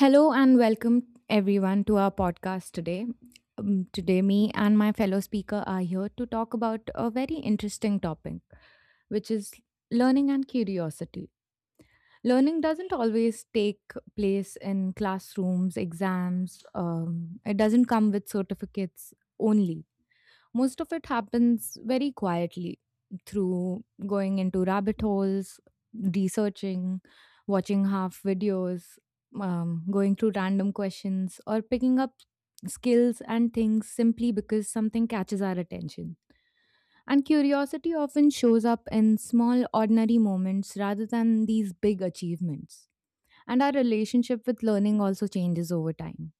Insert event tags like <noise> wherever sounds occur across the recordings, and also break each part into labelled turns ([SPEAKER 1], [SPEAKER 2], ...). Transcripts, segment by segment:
[SPEAKER 1] Hello and welcome everyone to our podcast today. Today, me and my fellow speaker are here to talk about a very interesting topic, which is learning and curiosity. Learning doesn't always take place in classrooms, exams. It doesn't come with certificates only. Most of it happens very quietly through going into rabbit holes, researching, watching half videos, going through random questions, or picking up skills and things simply because something catches our attention. And curiosity often shows up in small, ordinary moments rather than these big achievements. And our relationship with learning also changes over time.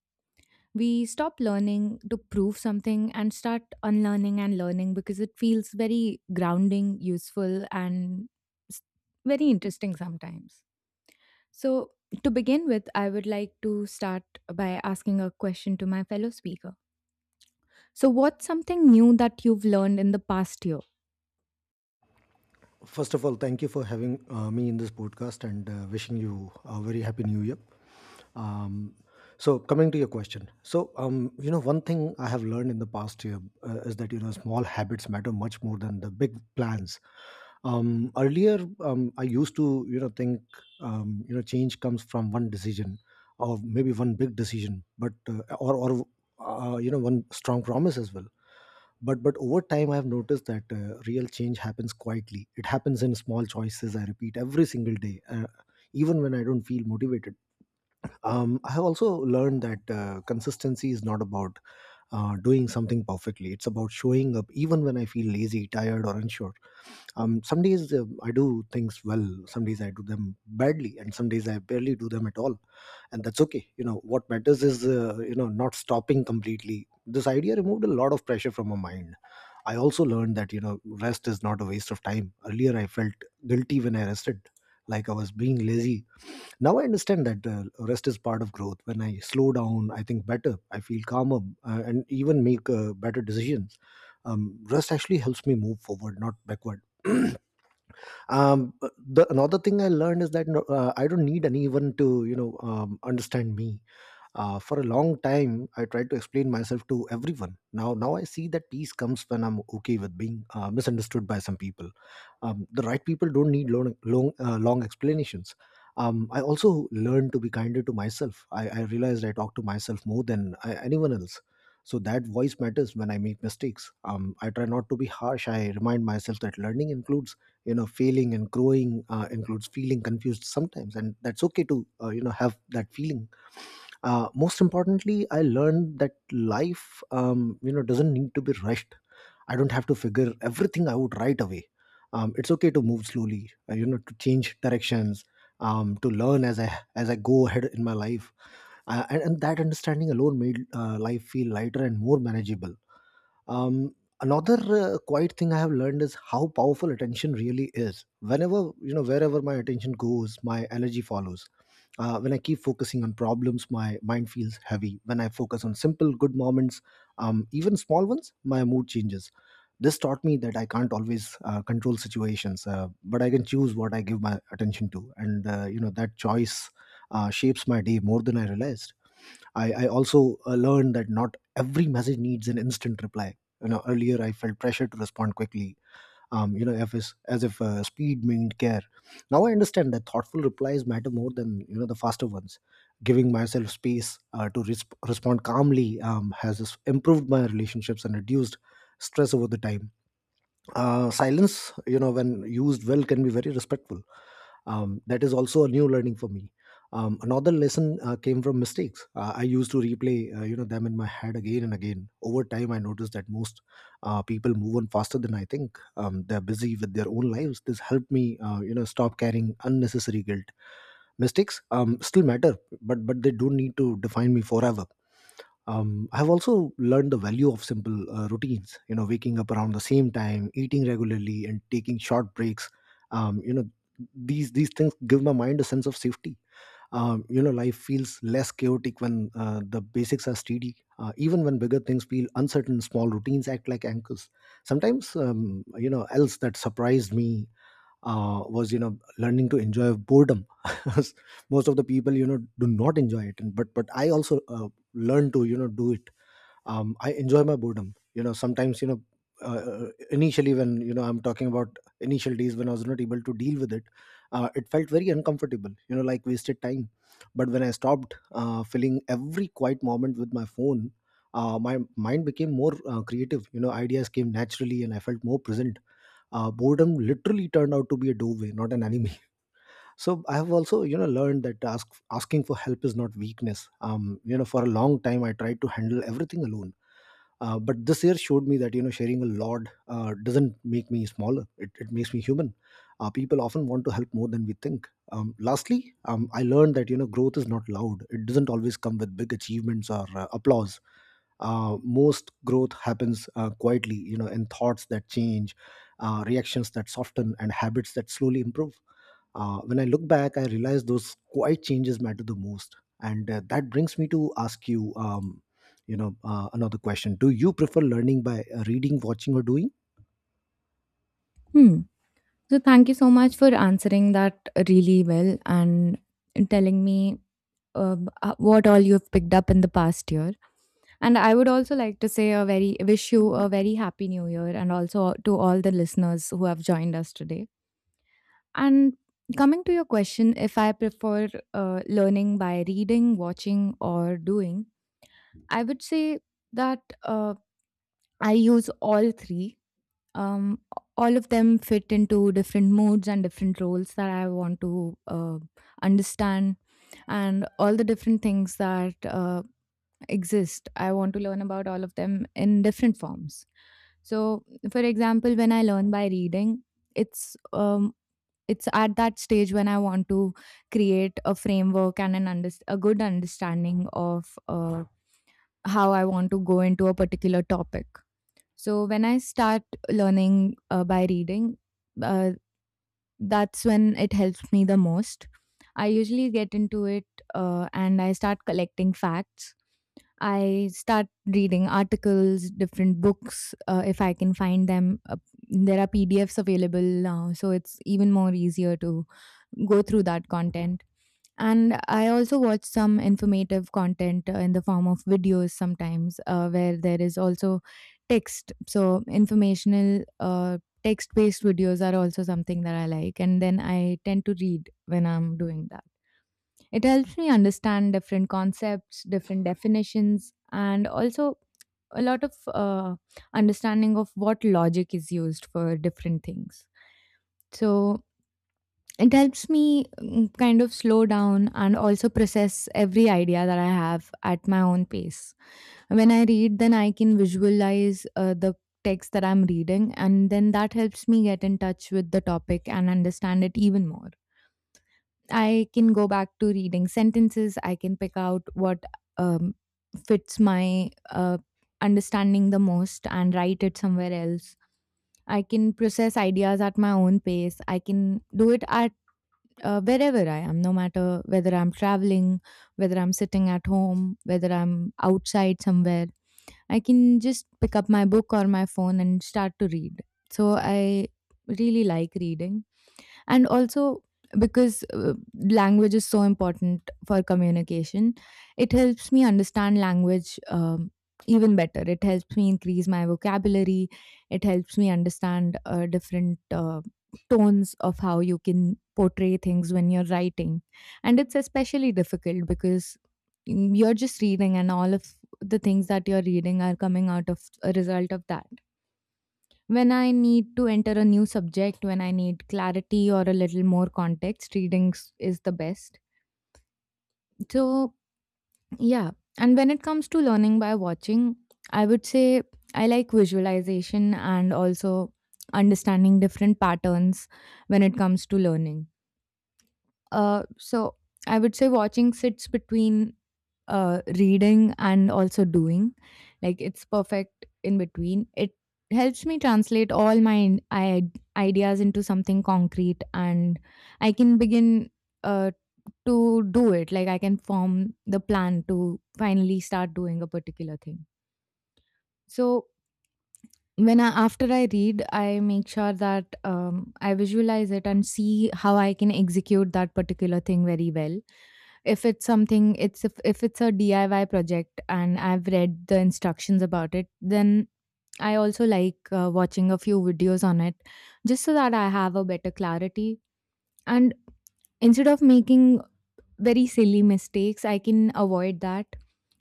[SPEAKER 1] We stop learning to prove something and start unlearning and learning because it feels very grounding, useful, and s- very interesting sometimes. So, to begin with, I would like to start by asking a question to my fellow speaker. So, what's something new that you've learned in the past year?
[SPEAKER 2] First of all, thank you for having me in this podcast and wishing you a very happy new year. Um, so, coming to your question, one thing I have learned in the past year is that you know small habits matter much more than the big plans. Earlier, I used to you know think you know change comes from one decision or maybe one big decision, but or you know one strong promise as well, but over time I've noticed that real change happens quietly. It happens in small choices I repeat every single day, even when I don't feel motivated. I have also learned that consistency is not about doing something perfectly. It's about showing up even when I feel lazy, tired, or unsure. Some days I do things well, some days I do them badly, and some days I barely do them at all, and that's okay. You know what matters is not stopping completely. This idea removed a lot of pressure from my mind. I also learned that, you know, rest is not a waste of time. Earlier, I felt guilty when I rested, like I was being lazy. Now I understand that rest is part of growth. When I slow down, I think better, I feel calmer, and even make better decisions. Rest actually helps me move forward, not backward. <clears throat> The another thing I learned is that no, I don't need anyone to, you know, understand me. For a long time I tried to explain myself to everyone. Now I see that peace comes when I'm okay with being misunderstood by some people. The right people don't need long explanations. I also learned to be kinder to myself. I realized I talk to myself more than anyone else, so that voice matters. When I make mistakes, I try not to be harsh. I remind myself that learning includes you know failing, and growing includes feeling confused sometimes, and that's okay to have that feeling. Most importantly, I learned that life doesn't need to be rushed. I don't have to figure everything out right away. It's okay to move slowly, to change directions, to learn as I go ahead in my life. And that understanding alone made life feel lighter and more manageable. um, Another quiet thing I have learned is how powerful attention really is. Wherever my attention goes, my energy follows. When I keep focusing on problems, my mind feels heavy. When I focus on simple, good moments, even small ones, my mood changes. This taught me that I can't always control situations, but I can choose what I give my attention to. That choice shapes my day more than I realized. I also learned that not every message needs an instant reply. You know, earlier I felt pressure to respond quickly. If it's as if speed meant care. Now I understand that thoughtful replies matter more than you know the faster ones. Giving myself space to respond calmly has improved my relationships and reduced stress over the time. Silence, you know, when used well, can be very respectful. That is also a new learning for me. Another lesson came from mistakes. I used to replay them in my head again and again. Over time I noticed that most people move on faster than I think. They're busy with their own lives. This helped me stop carrying unnecessary guilt. Mistakes still matter, but they don't need to define me forever. I've also learned the value of simple routines, you know, waking up around the same time, eating regularly, and taking short breaks. um, you know these things give my mind a sense of safety. Life feels less chaotic when the basics are steady. Even when bigger things feel uncertain, small routines act like anchors sometimes. Else that surprised me was you know learning to enjoy boredom. <laughs> Most of the people you know do not enjoy it, and but I also learn to you know do it. I enjoy my boredom. You know, uh, initially, when, you know, I'm talking about initial days, when I was not able to deal with it, it felt very uncomfortable. You know, like wasted time. But when I stopped filling every quiet moment with my phone, my mind became more creative. You know, ideas came naturally, and I felt more present. Boredom literally turned out to be a doorway, not an enemy. <laughs> So I have also, you know, learned that asking for help is not weakness. You know, for a long time I tried to handle everything alone, but this year showed me that you know sharing a lot doesn't make me smaller. It makes me human. People often want to help more than we think. Lastly, I learned that you know growth is not loud. It doesn't always come with big achievements or applause. Most growth happens quietly, you know, in thoughts that change, reactions that soften, and habits that slowly improve. When I look back, I realize those quiet changes matter the most. And that brings me to ask you, another question. Do you prefer learning by reading, watching, or doing?
[SPEAKER 1] Hmm. So, thank you so much for answering that really well and telling me uh, what all you've picked up in the past year. And I would also like to say a very wish you a very happy new year and also to all the listeners who have joined us today. And coming to your question, if I prefer learning by reading, watching, or doing, I would say that I use all three. Um, all of them fit into different moods and different roles that I want to understand, and all the different things that exist. I want to learn about all of them in different forms. So, for example, when I learn by reading, it's um, it's at that stage when I want to create a framework and a good understanding of how I want to go into a particular topic. So when I start learning by reading, uh, that's when it helps me the most. I usually get into it and I start collecting facts. I start reading articles, different books, if I can find them. There are PDFs available now, so it's even more easier to go through that content. And I also watch some informative content in the form of videos sometimes, where there is also text. So, informational text based videos are also something that I like. And then I tend to read when I'm doing that. It helps me understand different concepts, different definitions, and also a lot of understanding of what logic is used for different things. So, it helps me kind of slow down and also process every idea that I have at my own pace. When I read, then I can visualize the text that I'm reading, and then that helps me get in touch with the topic and understand it even more. I can go back to reading sentences. I can pick out what um, fits my understanding the most and write it somewhere else. I can process ideas at my own pace. I can do it at wherever I am, no matter whether I'm traveling, whether I'm sitting at home, whether I'm outside somewhere. I can just pick up my book or my phone and start to read. So I really like reading, and also because language is so important for communication, it helps me understand language even better. It helps me increase my vocabulary. It helps me understand different tones of how you can portray things when you're writing. And it's especially difficult because you're just reading and all of the things that you're reading are coming out of a result of that. When I need to enter a new subject, when I need clarity or a little more context, reading is the best. So, yeah. And when it comes to learning by watching, I would say I like visualization and also understanding different patterns when it comes to learning. So I would say watching sits between reading and also doing. Like it's perfect in between. It helps me translate all my ideas into something concrete and I can begin uh, to do it. Like I can form the plan to finally start doing a particular thing. So when I, after I read, I make sure that I visualize it and see how I can execute that particular thing very well. If it's something it's if, if it's a DIY project and I've read the instructions about it, then I also like watching a few videos on it, just so that I have a better clarity, and instead of making very silly mistakes, I can avoid that.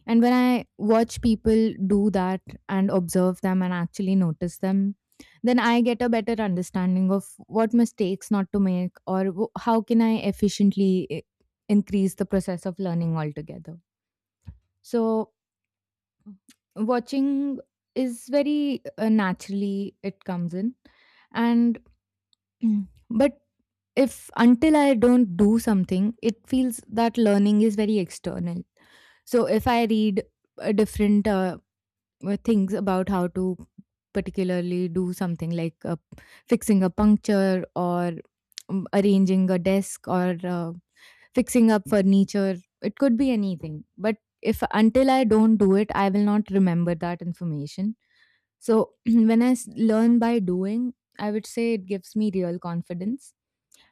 [SPEAKER 1] And when I watch people do that and observe them and actually notice them, then I get a better understanding of what mistakes not to make, or how can I efficiently increase the process of learning altogether. So watching is very naturally, it comes in. And <clears throat> but if until I don't do something, it feels that learning is very external. So if I read different things about how to particularly do something, like fixing a puncture, or arranging a desk, or fixing up furniture. It could be anything. But if until I don't do it, I will not remember that information. So <clears throat> when I learn by doing, I would say it gives me real confidence.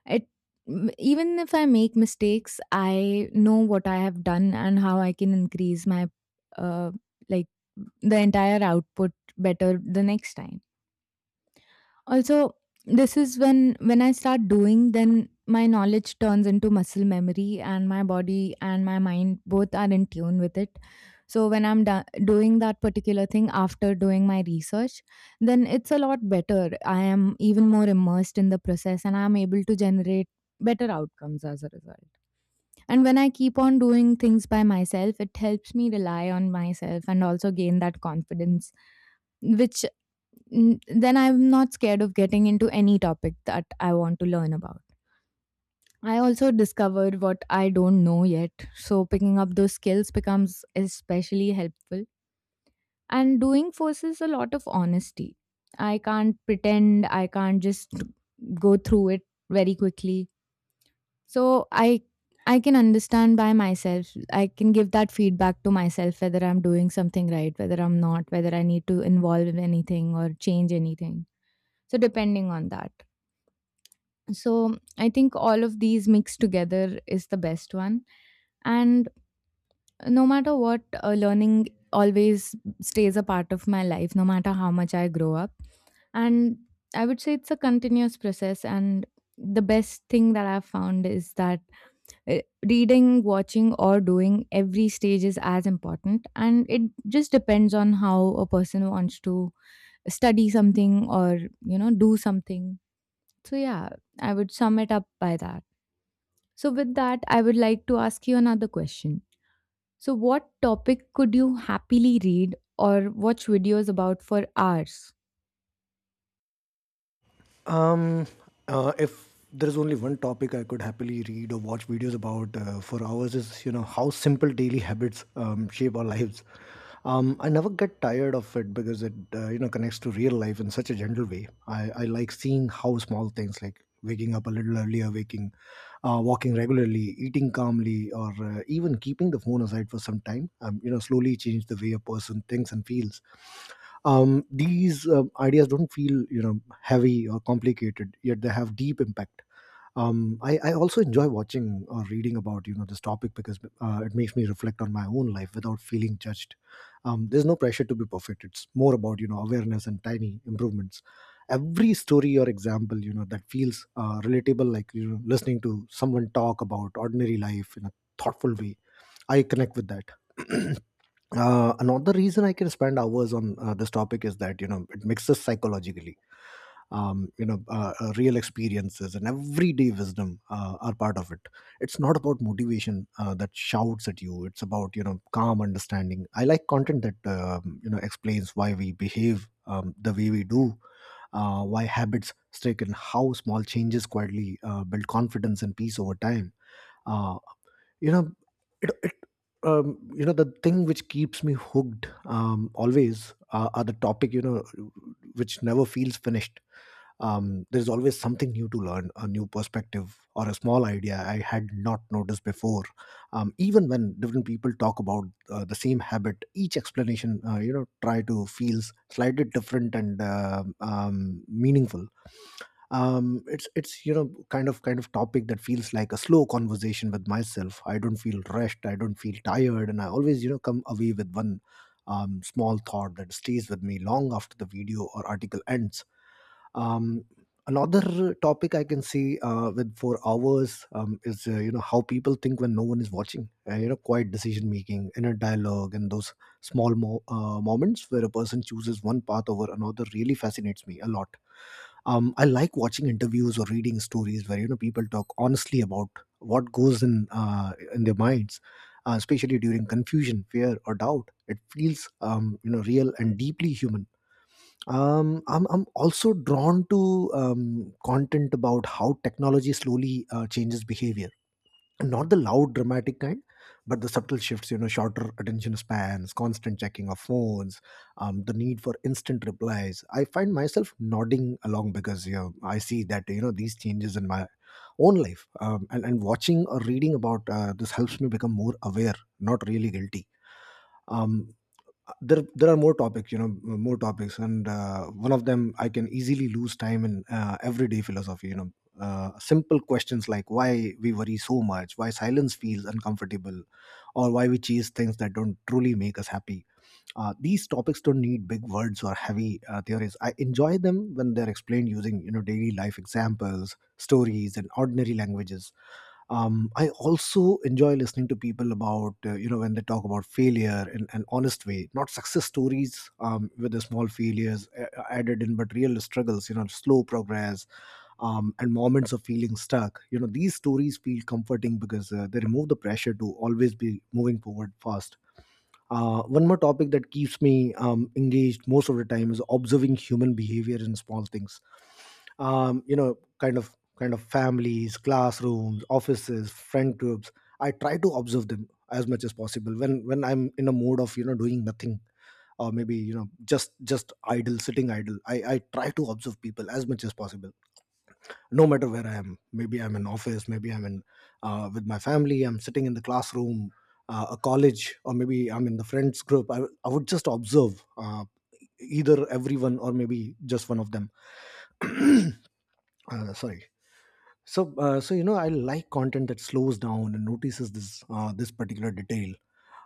[SPEAKER 1] It even if I make mistakes, I know what I have done and how I can increase my uh, like the entire output better the next time. Also, this is when I start doing, then my knowledge turns into muscle memory, and my body and my mind both are in tune with it. So when I'm doing that particular thing after doing my research, then it's a lot better. I am even more immersed in the process, and I'm able to generate better outcomes as a result. And when I keep on doing things by myself, it helps me rely on myself and also gain that confidence, which. Then I'm not scared of getting into any topic that I want to learn about. I also discovered what I don't know yet, so picking up those skills becomes especially helpful. And doing forces a lot of honesty. I can't pretend, I can't just go through it very quickly. So I can understand by myself. I can give that feedback to myself whether I'm doing something right, whether I'm not, whether I need to involve in anything or change anything. So depending on that. So I think all of these mixed together is the best one. And no matter what, learning always stays a part of my life, no matter how much I grow up. And I would say it's a continuous process, and the best thing that I've found is that uh, reading, watching, or doing, every stage is as important, and it just depends on how a person wants to study something or you know do something. So yeah, I would sum it up by that. So, with that, I would like to ask you another question. So, what topic could you happily read or watch videos about for hours?
[SPEAKER 2] Um, if there's only one topic I could happily read or watch videos about for hours, is you know how simple daily habits shape our lives. I never get tired of it because it you know connects to real life in such a gentle way. I like seeing how small things like waking up a little earlier, walking regularly, eating calmly, or even keeping the phone aside for some time. You know, slowly change the way a person thinks and feels. These ideas don't feel you know heavy or complicated, yet they have deep impact. I, also enjoy watching or reading about you know this topic because it makes me reflect on my own life without feeling judged. There's no pressure to be perfect. It's more about you know awareness and tiny improvements. Every story or example you know that feels relatable, like you know listening to someone talk about ordinary life in a thoughtful way, I connect with that. <clears throat> Another reason I can spend hours on this topic is that you know it mixes psychologically, real experiences and everyday wisdom are part of it. It's not about motivation that shouts at you. It's about you know calm understanding. I like content that you know explains why we behave the way we do, why habits stick, and how small changes quietly build confidence and peace over time. Uh, you know it, it you know The thing which keeps me hooked, always, are the topic you know which never feels finished. There's always something new to learn, a new perspective or a small idea I had not noticed before. Even when different people talk about the same habit, each explanation you know try to feels slightly different and meaningful. It's you know kind of topic that feels like a slow conversation with myself. I don't feel rushed, I don't feel tired, and I always you know come away with one small thought that stays with me long after the video or article ends. um Another topic I can see with 4 hours is you know how people think when no one is watching, you know, quiet decision making, inner dialogue, and those small moments where a person chooses one path over another really fascinates me a lot. I like watching interviews or reading stories where you know people talk honestly about what goes in their minds, especially during confusion, fear, or doubt. It feels you know real and deeply human. I'm also drawn to content about how technology slowly changes behavior, not the loud dramatic kind, but the subtle shifts, you know, shorter attention spans, constant checking of phones, the need for instant replies. I find myself nodding along because, you know, I see that, you know, these changes in my own life, and watching or reading about this helps me become more aware, not really guilty. Um, there there are more topics, you know, more topics. And one of them I can easily lose time in, everyday philosophy, you know, simple questions like why we worry so much, why silence feels uncomfortable, or why we chase things that don't truly make us happy. These topics don't need big words or heavy theories. I enjoy them when they're explained using, you know, daily life examples, stories, and ordinary languages. I also enjoy listening to people about, you know, when they talk about failure in an honest way, not success stories with the small failures added in, but real struggles, you know, slow progress and moments of feeling stuck. You know, these stories feel comforting because they remove the pressure to always be moving forward fast. One more topic that keeps me engaged most of the time is observing human behavior in small things, you know, kind of families, classrooms, offices, friend groups. I try to observe them as much as possible when I'm in a mode of, you know, doing nothing, or maybe, you know, just idle, sitting idle. I try to observe people as much as possible, no matter where I am. Maybe I'm in office, maybe I'm in with my family, I'm sitting in the classroom, a college, or maybe I'm in the friends group. I would just observe, either everyone or maybe just one of them. <clears throat> uh, Sorry. So you know, I like content that slows down and notices this particular detail.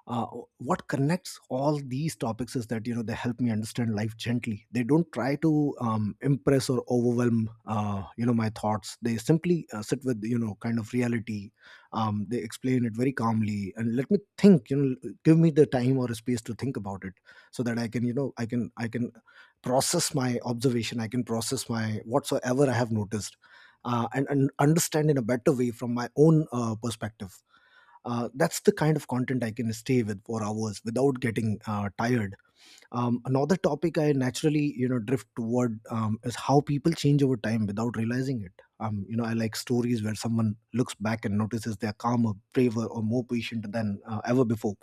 [SPEAKER 2] Uh, what connects all these topics is that, you know, they help me understand life gently. They don't try to impress or overwhelm, you know, my thoughts. They simply sit with, you know, kind of reality. They explain it very calmly and let me think. You know, give me the time or space to think about it, so that I can, you know, I can process my observation. I can process my whatsoever I have noticed, and understand in a better way from my own perspective. That's the kind of content I can stay with for hours without getting tired. Another topic I naturally, you know, drift toward is how people change over time without realizing it. You know, I like stories where someone looks back and notices they're calmer, braver, or more patient than ever before,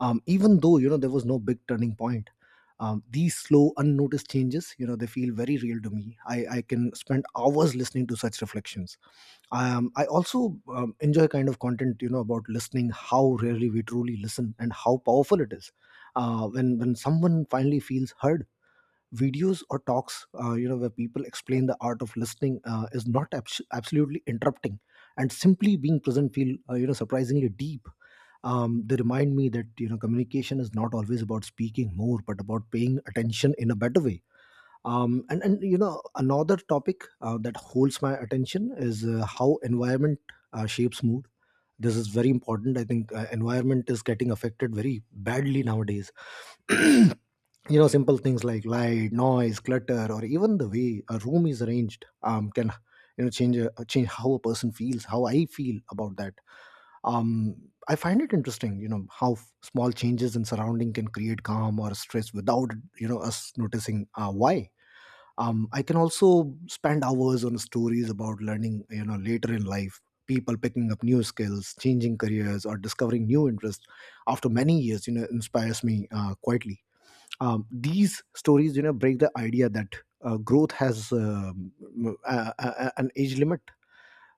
[SPEAKER 2] even though, you know, there was no big turning point. These slow unnoticed changes, you know, they feel very real to me. I can spend hours listening to such reflections. I also enjoy kind of content, you know, about listening, how rarely we truly listen and how powerful it is when someone finally feels heard. Videos or talks, you know, where people explain the art of listening is not absolutely interrupting and simply being present feel, you know, surprisingly deep. They remind me that, you know, communication is not always about speaking more, but about paying attention in a better way. And you know, another topic that holds my attention is how environment shapes mood. This is very important. I think environment is getting affected very badly nowadays. <clears throat> You know, simple things like light, noise, clutter, or even the way a room is arranged can, you know, change how a person feels, how I feel about that. um, I find it interesting, you know, how small changes in surrounding can create calm or stress without, you know, us noticing why. I can also spend hours on stories about learning, you know, later in life. People picking up new skills, changing careers, or discovering new interests after many years, you know, inspires me quietly. These stories, you know, break the idea that growth has an age limit,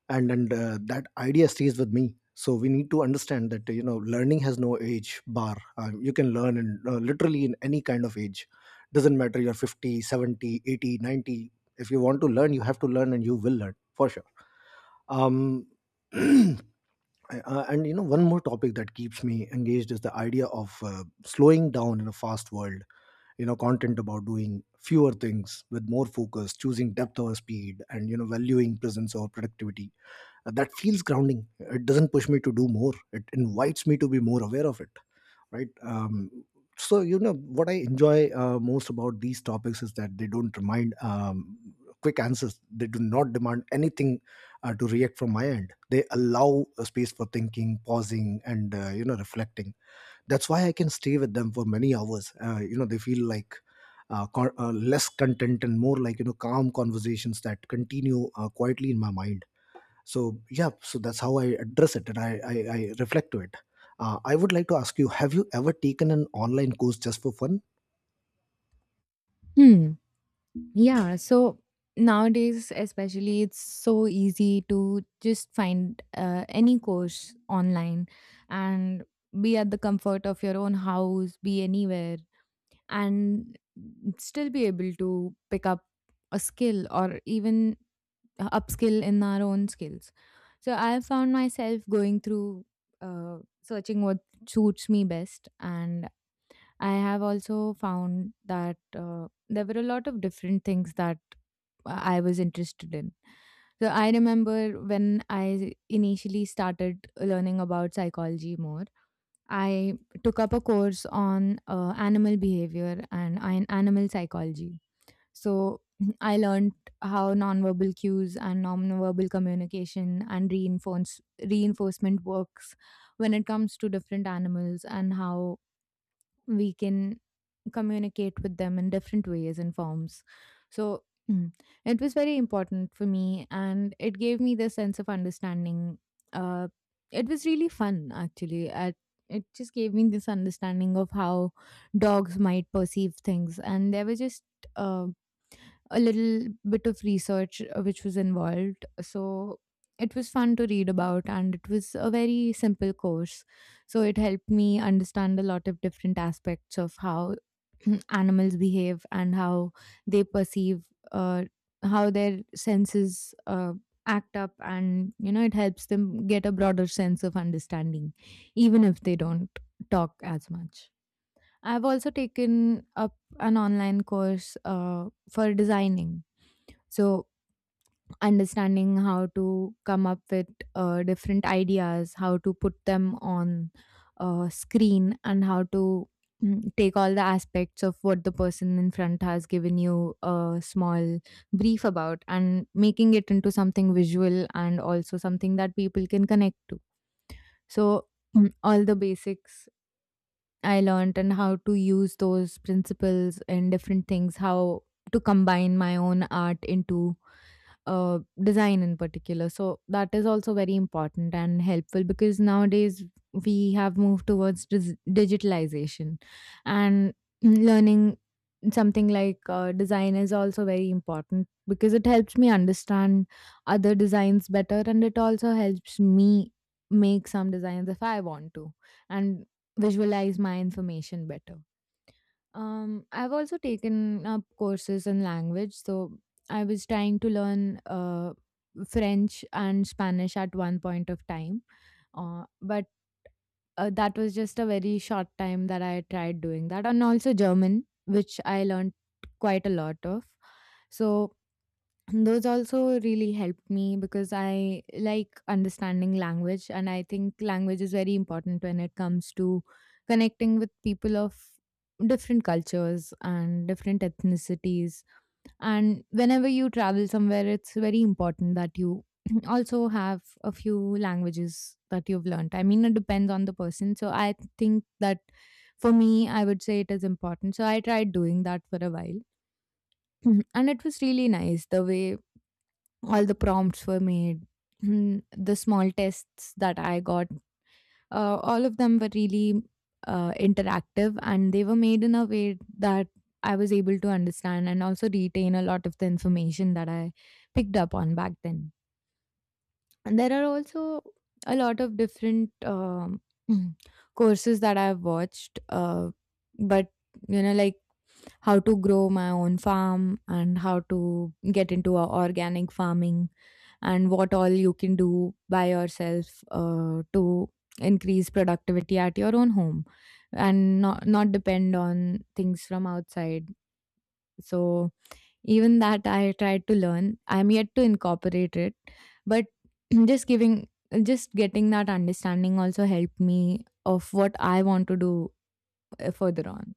[SPEAKER 2] and that idea stays with me. So we need to understand that, you know, learning has no age bar. You can learn in, literally, in any kind of age. Doesn't matter you're 50, 70, 80, 90. If you want to learn, you have to learn, and you will learn for sure. um <clears throat> uh, and you know, one more topic that keeps me engaged is the idea of slowing down in a fast world. You know, content about doing fewer things with more focus, choosing depth over speed, and, you know, valuing presence over productivity. That feels grounding. It doesn't push me to do more. It invites me to be more aware of it, right? So you know what I enjoy most about these topics is that they don't remind quick answers. They do not demand anything to react from my end. They allow a space for thinking, pausing, and, you know, reflecting. That's why I can stay with them for many hours. You know, they feel like less content and more like, you know, calm conversations that continue quietly in my mind. So yeah, so that's how I address it, and I reflect to it. I would like to ask, you have you ever taken an online course just for fun?
[SPEAKER 1] Hmm. Yeah. So, nowadays, especially, it's so easy to just find any course online and be at the comfort of your own house, be anywhere, and still be able to pick up a skill or even upskill in our own skills. So I found myself going through searching what suits me best, and I have also found that there were a lot of different things that I was interested in. So I remember when I initially started learning about psychology more, I took up a course on animal behavior and animal psychology. So <clears throat> I learned how nonverbal cues and nonverbal communication and reinforcement works when it comes to different animals and how we can communicate with them in different ways and forms. So <clears throat> mm, it was very important for me, and it gave me this sense of understanding. Uh, it was really fun actually. At it just gave me this understanding of how dogs might perceive things, and there were just um a little bit of research which was involved. So it was fun to read about, and it was a very simple course. So it helped me understand a lot of different aspects of how <clears throat> animals behave and how they perceive, uh, how their senses act up, and you know, it helps them get a broader sense of understanding, even if they don't talk as much. I've also taken up an online course for designing so, understanding how to come up with different ideas, how to put them on screen, and how to take all the aspects of what the person in front has given you a small brief about and making it into something visual and also something that people can connect to. So, all the basics I learned, and how to use those principles in different things, how to combine my own art into design in particular. So that is also very important and helpful because nowadays we have moved towards digitalization, and learning something like design is also very important because it helps me understand other designs better, and it also helps me make some designs if I want to, and visualize my information better. I've also taken up courses in language. So I was trying to learn French and Spanish at one point of time, but that was just a very short time that I tried doing that, and also German, which I learned quite a lot of. So <clears throat> those also really helped me because I like understanding language, and I think language is very important when it comes to connecting with people of different cultures and different ethnicities. And whenever you travel somewhere, it's very important that you <clears throat> also have a few languages that you've learned. I mean, it depends on the person. So I think that for me, I would say it is important. So I tried doing that for a while. <clears throat> And it was really nice the way all the prompts were made. The small tests that I got, all of them were really interactive, and they were made in a way that I was able to understand and also retain a lot of the information that I picked up on back then. And there are also a lot of different <clears throat> courses that I've watched, but you know, like how to grow my own farm and how to get into a organic farming and what all you can do by yourself to increase productivity at your own home and not depend on things from outside. So even that I tried to learn. I'm yet to incorporate it, but <clears throat> just giving just getting that understanding also helped me of what I want to do further on.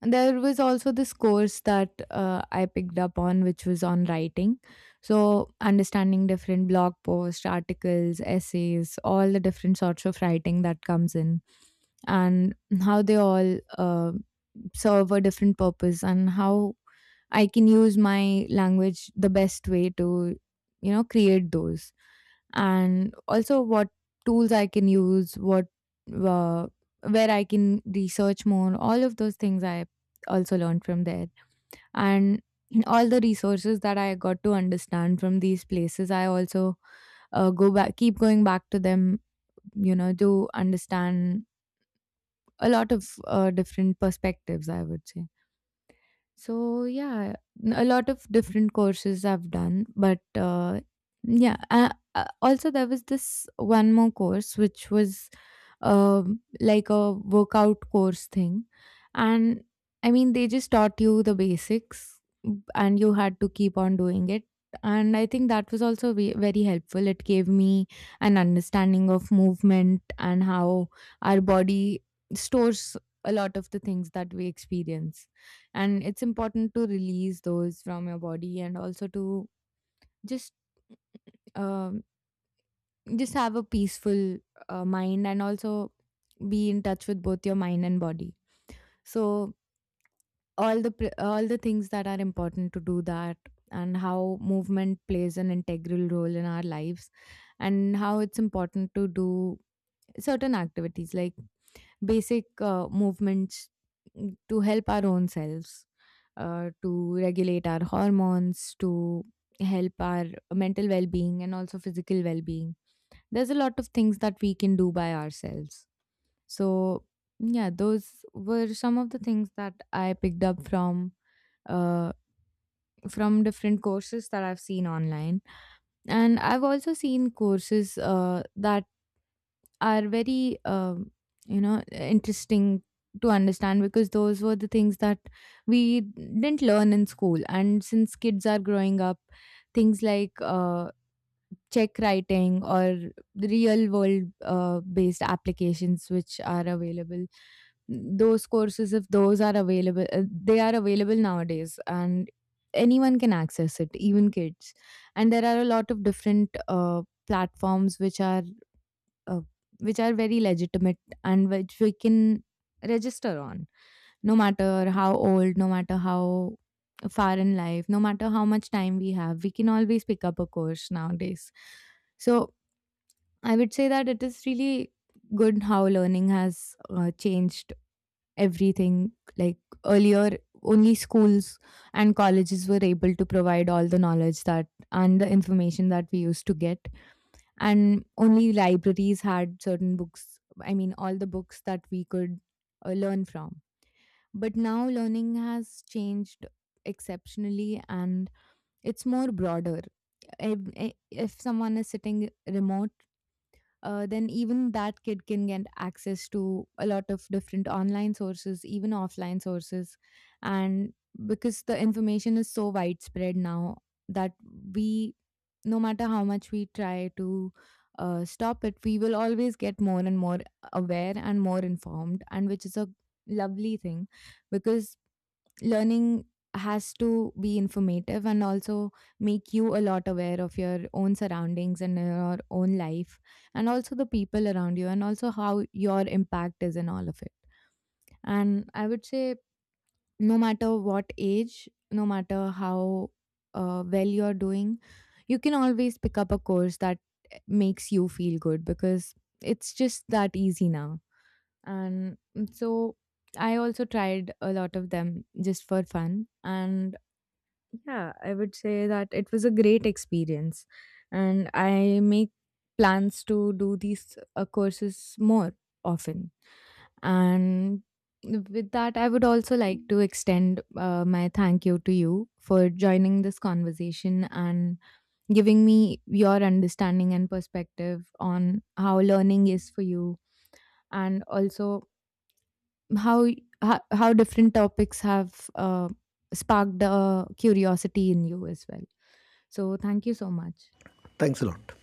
[SPEAKER 1] And there was also this course that I picked up on, which was on writing. So understanding different blog posts, articles, essays, all the different sorts of writing that comes in, and how they all serve a different purpose, and how I can use my language the best way to, you know, create those. And also what tools I can use, what, uh, where I can research more, all of those things I also learned from there. And <clears throat> all the resources that I got to understand from these places, I also go back, keep going back to them, you know, to understand a lot of different perspectives, I would say. So yeah, a lot of different courses I've done, but yeah. Also, there was this one more course which was like a workout course thing, and I mean they just taught you the basics, and you had to keep on doing it. And I think that was also very helpful. It gave me an understanding of movement and how our body stores a lot of the things that we experience, and it's important to release those from your body, and also to just um, just have a peaceful mind, and also be in touch with both your mind and body. So all the things that are important to do that, and how movement plays an integral role in our lives, and how it's important to do certain activities like basic movements, to help our own selves, to regulate our hormones, to help our mental well being and also physical well being. There's a lot of things that we can do by ourselves. So yeah, those were some of the things that I picked up uh, from different courses that I've seen online. And I've also seen courses that are very, you know, interesting to understand, because those were the things that we didn't learn in school. And since kids are growing up, things like check writing or real world based applications which are available, those courses, if those are available, they are available nowadays, and anyone can access it, even kids. And there are a lot of different platforms which are, uh, which are very legitimate, and which we can register on, no matter how old, no matter how far in life, no matter how much time we have, we can always pick up a course nowadays. So I would say that it is really good how learning has changed everything. Like earlier, only schools and colleges were able to provide all the knowledge that and the information that we used to get, and only libraries had certain books. I mean, all the books that we could learn from. But now learning has changed exceptionally, and it's more broader. If someone is sitting remote, then even that kid can get access to a lot of different online sources, even offline sources. And because the information is so widespread now, that we, no matter how much we try to stop it, we will always get more and more aware and more informed, and which is a lovely thing, because learning has to be informative, and also make you a lot aware of your own surroundings and your own life, and also the people around you, and also how your impact is in all of it. And I would say, no matter what age, no matter how well you're doing, you can always pick up a course that makes you feel good, because it's just that easy now. And so I also tried a lot of them just for fun. And yeah, I would say that it was a great experience, and I make plans to do these courses more often. And with that, I would also like to extend my thank you to you for joining this conversation and giving me your understanding and perspective on how learning is for you, and also how how different topics have sparked a curiosity in you as well. So, thank you so much.
[SPEAKER 2] Thanks a lot.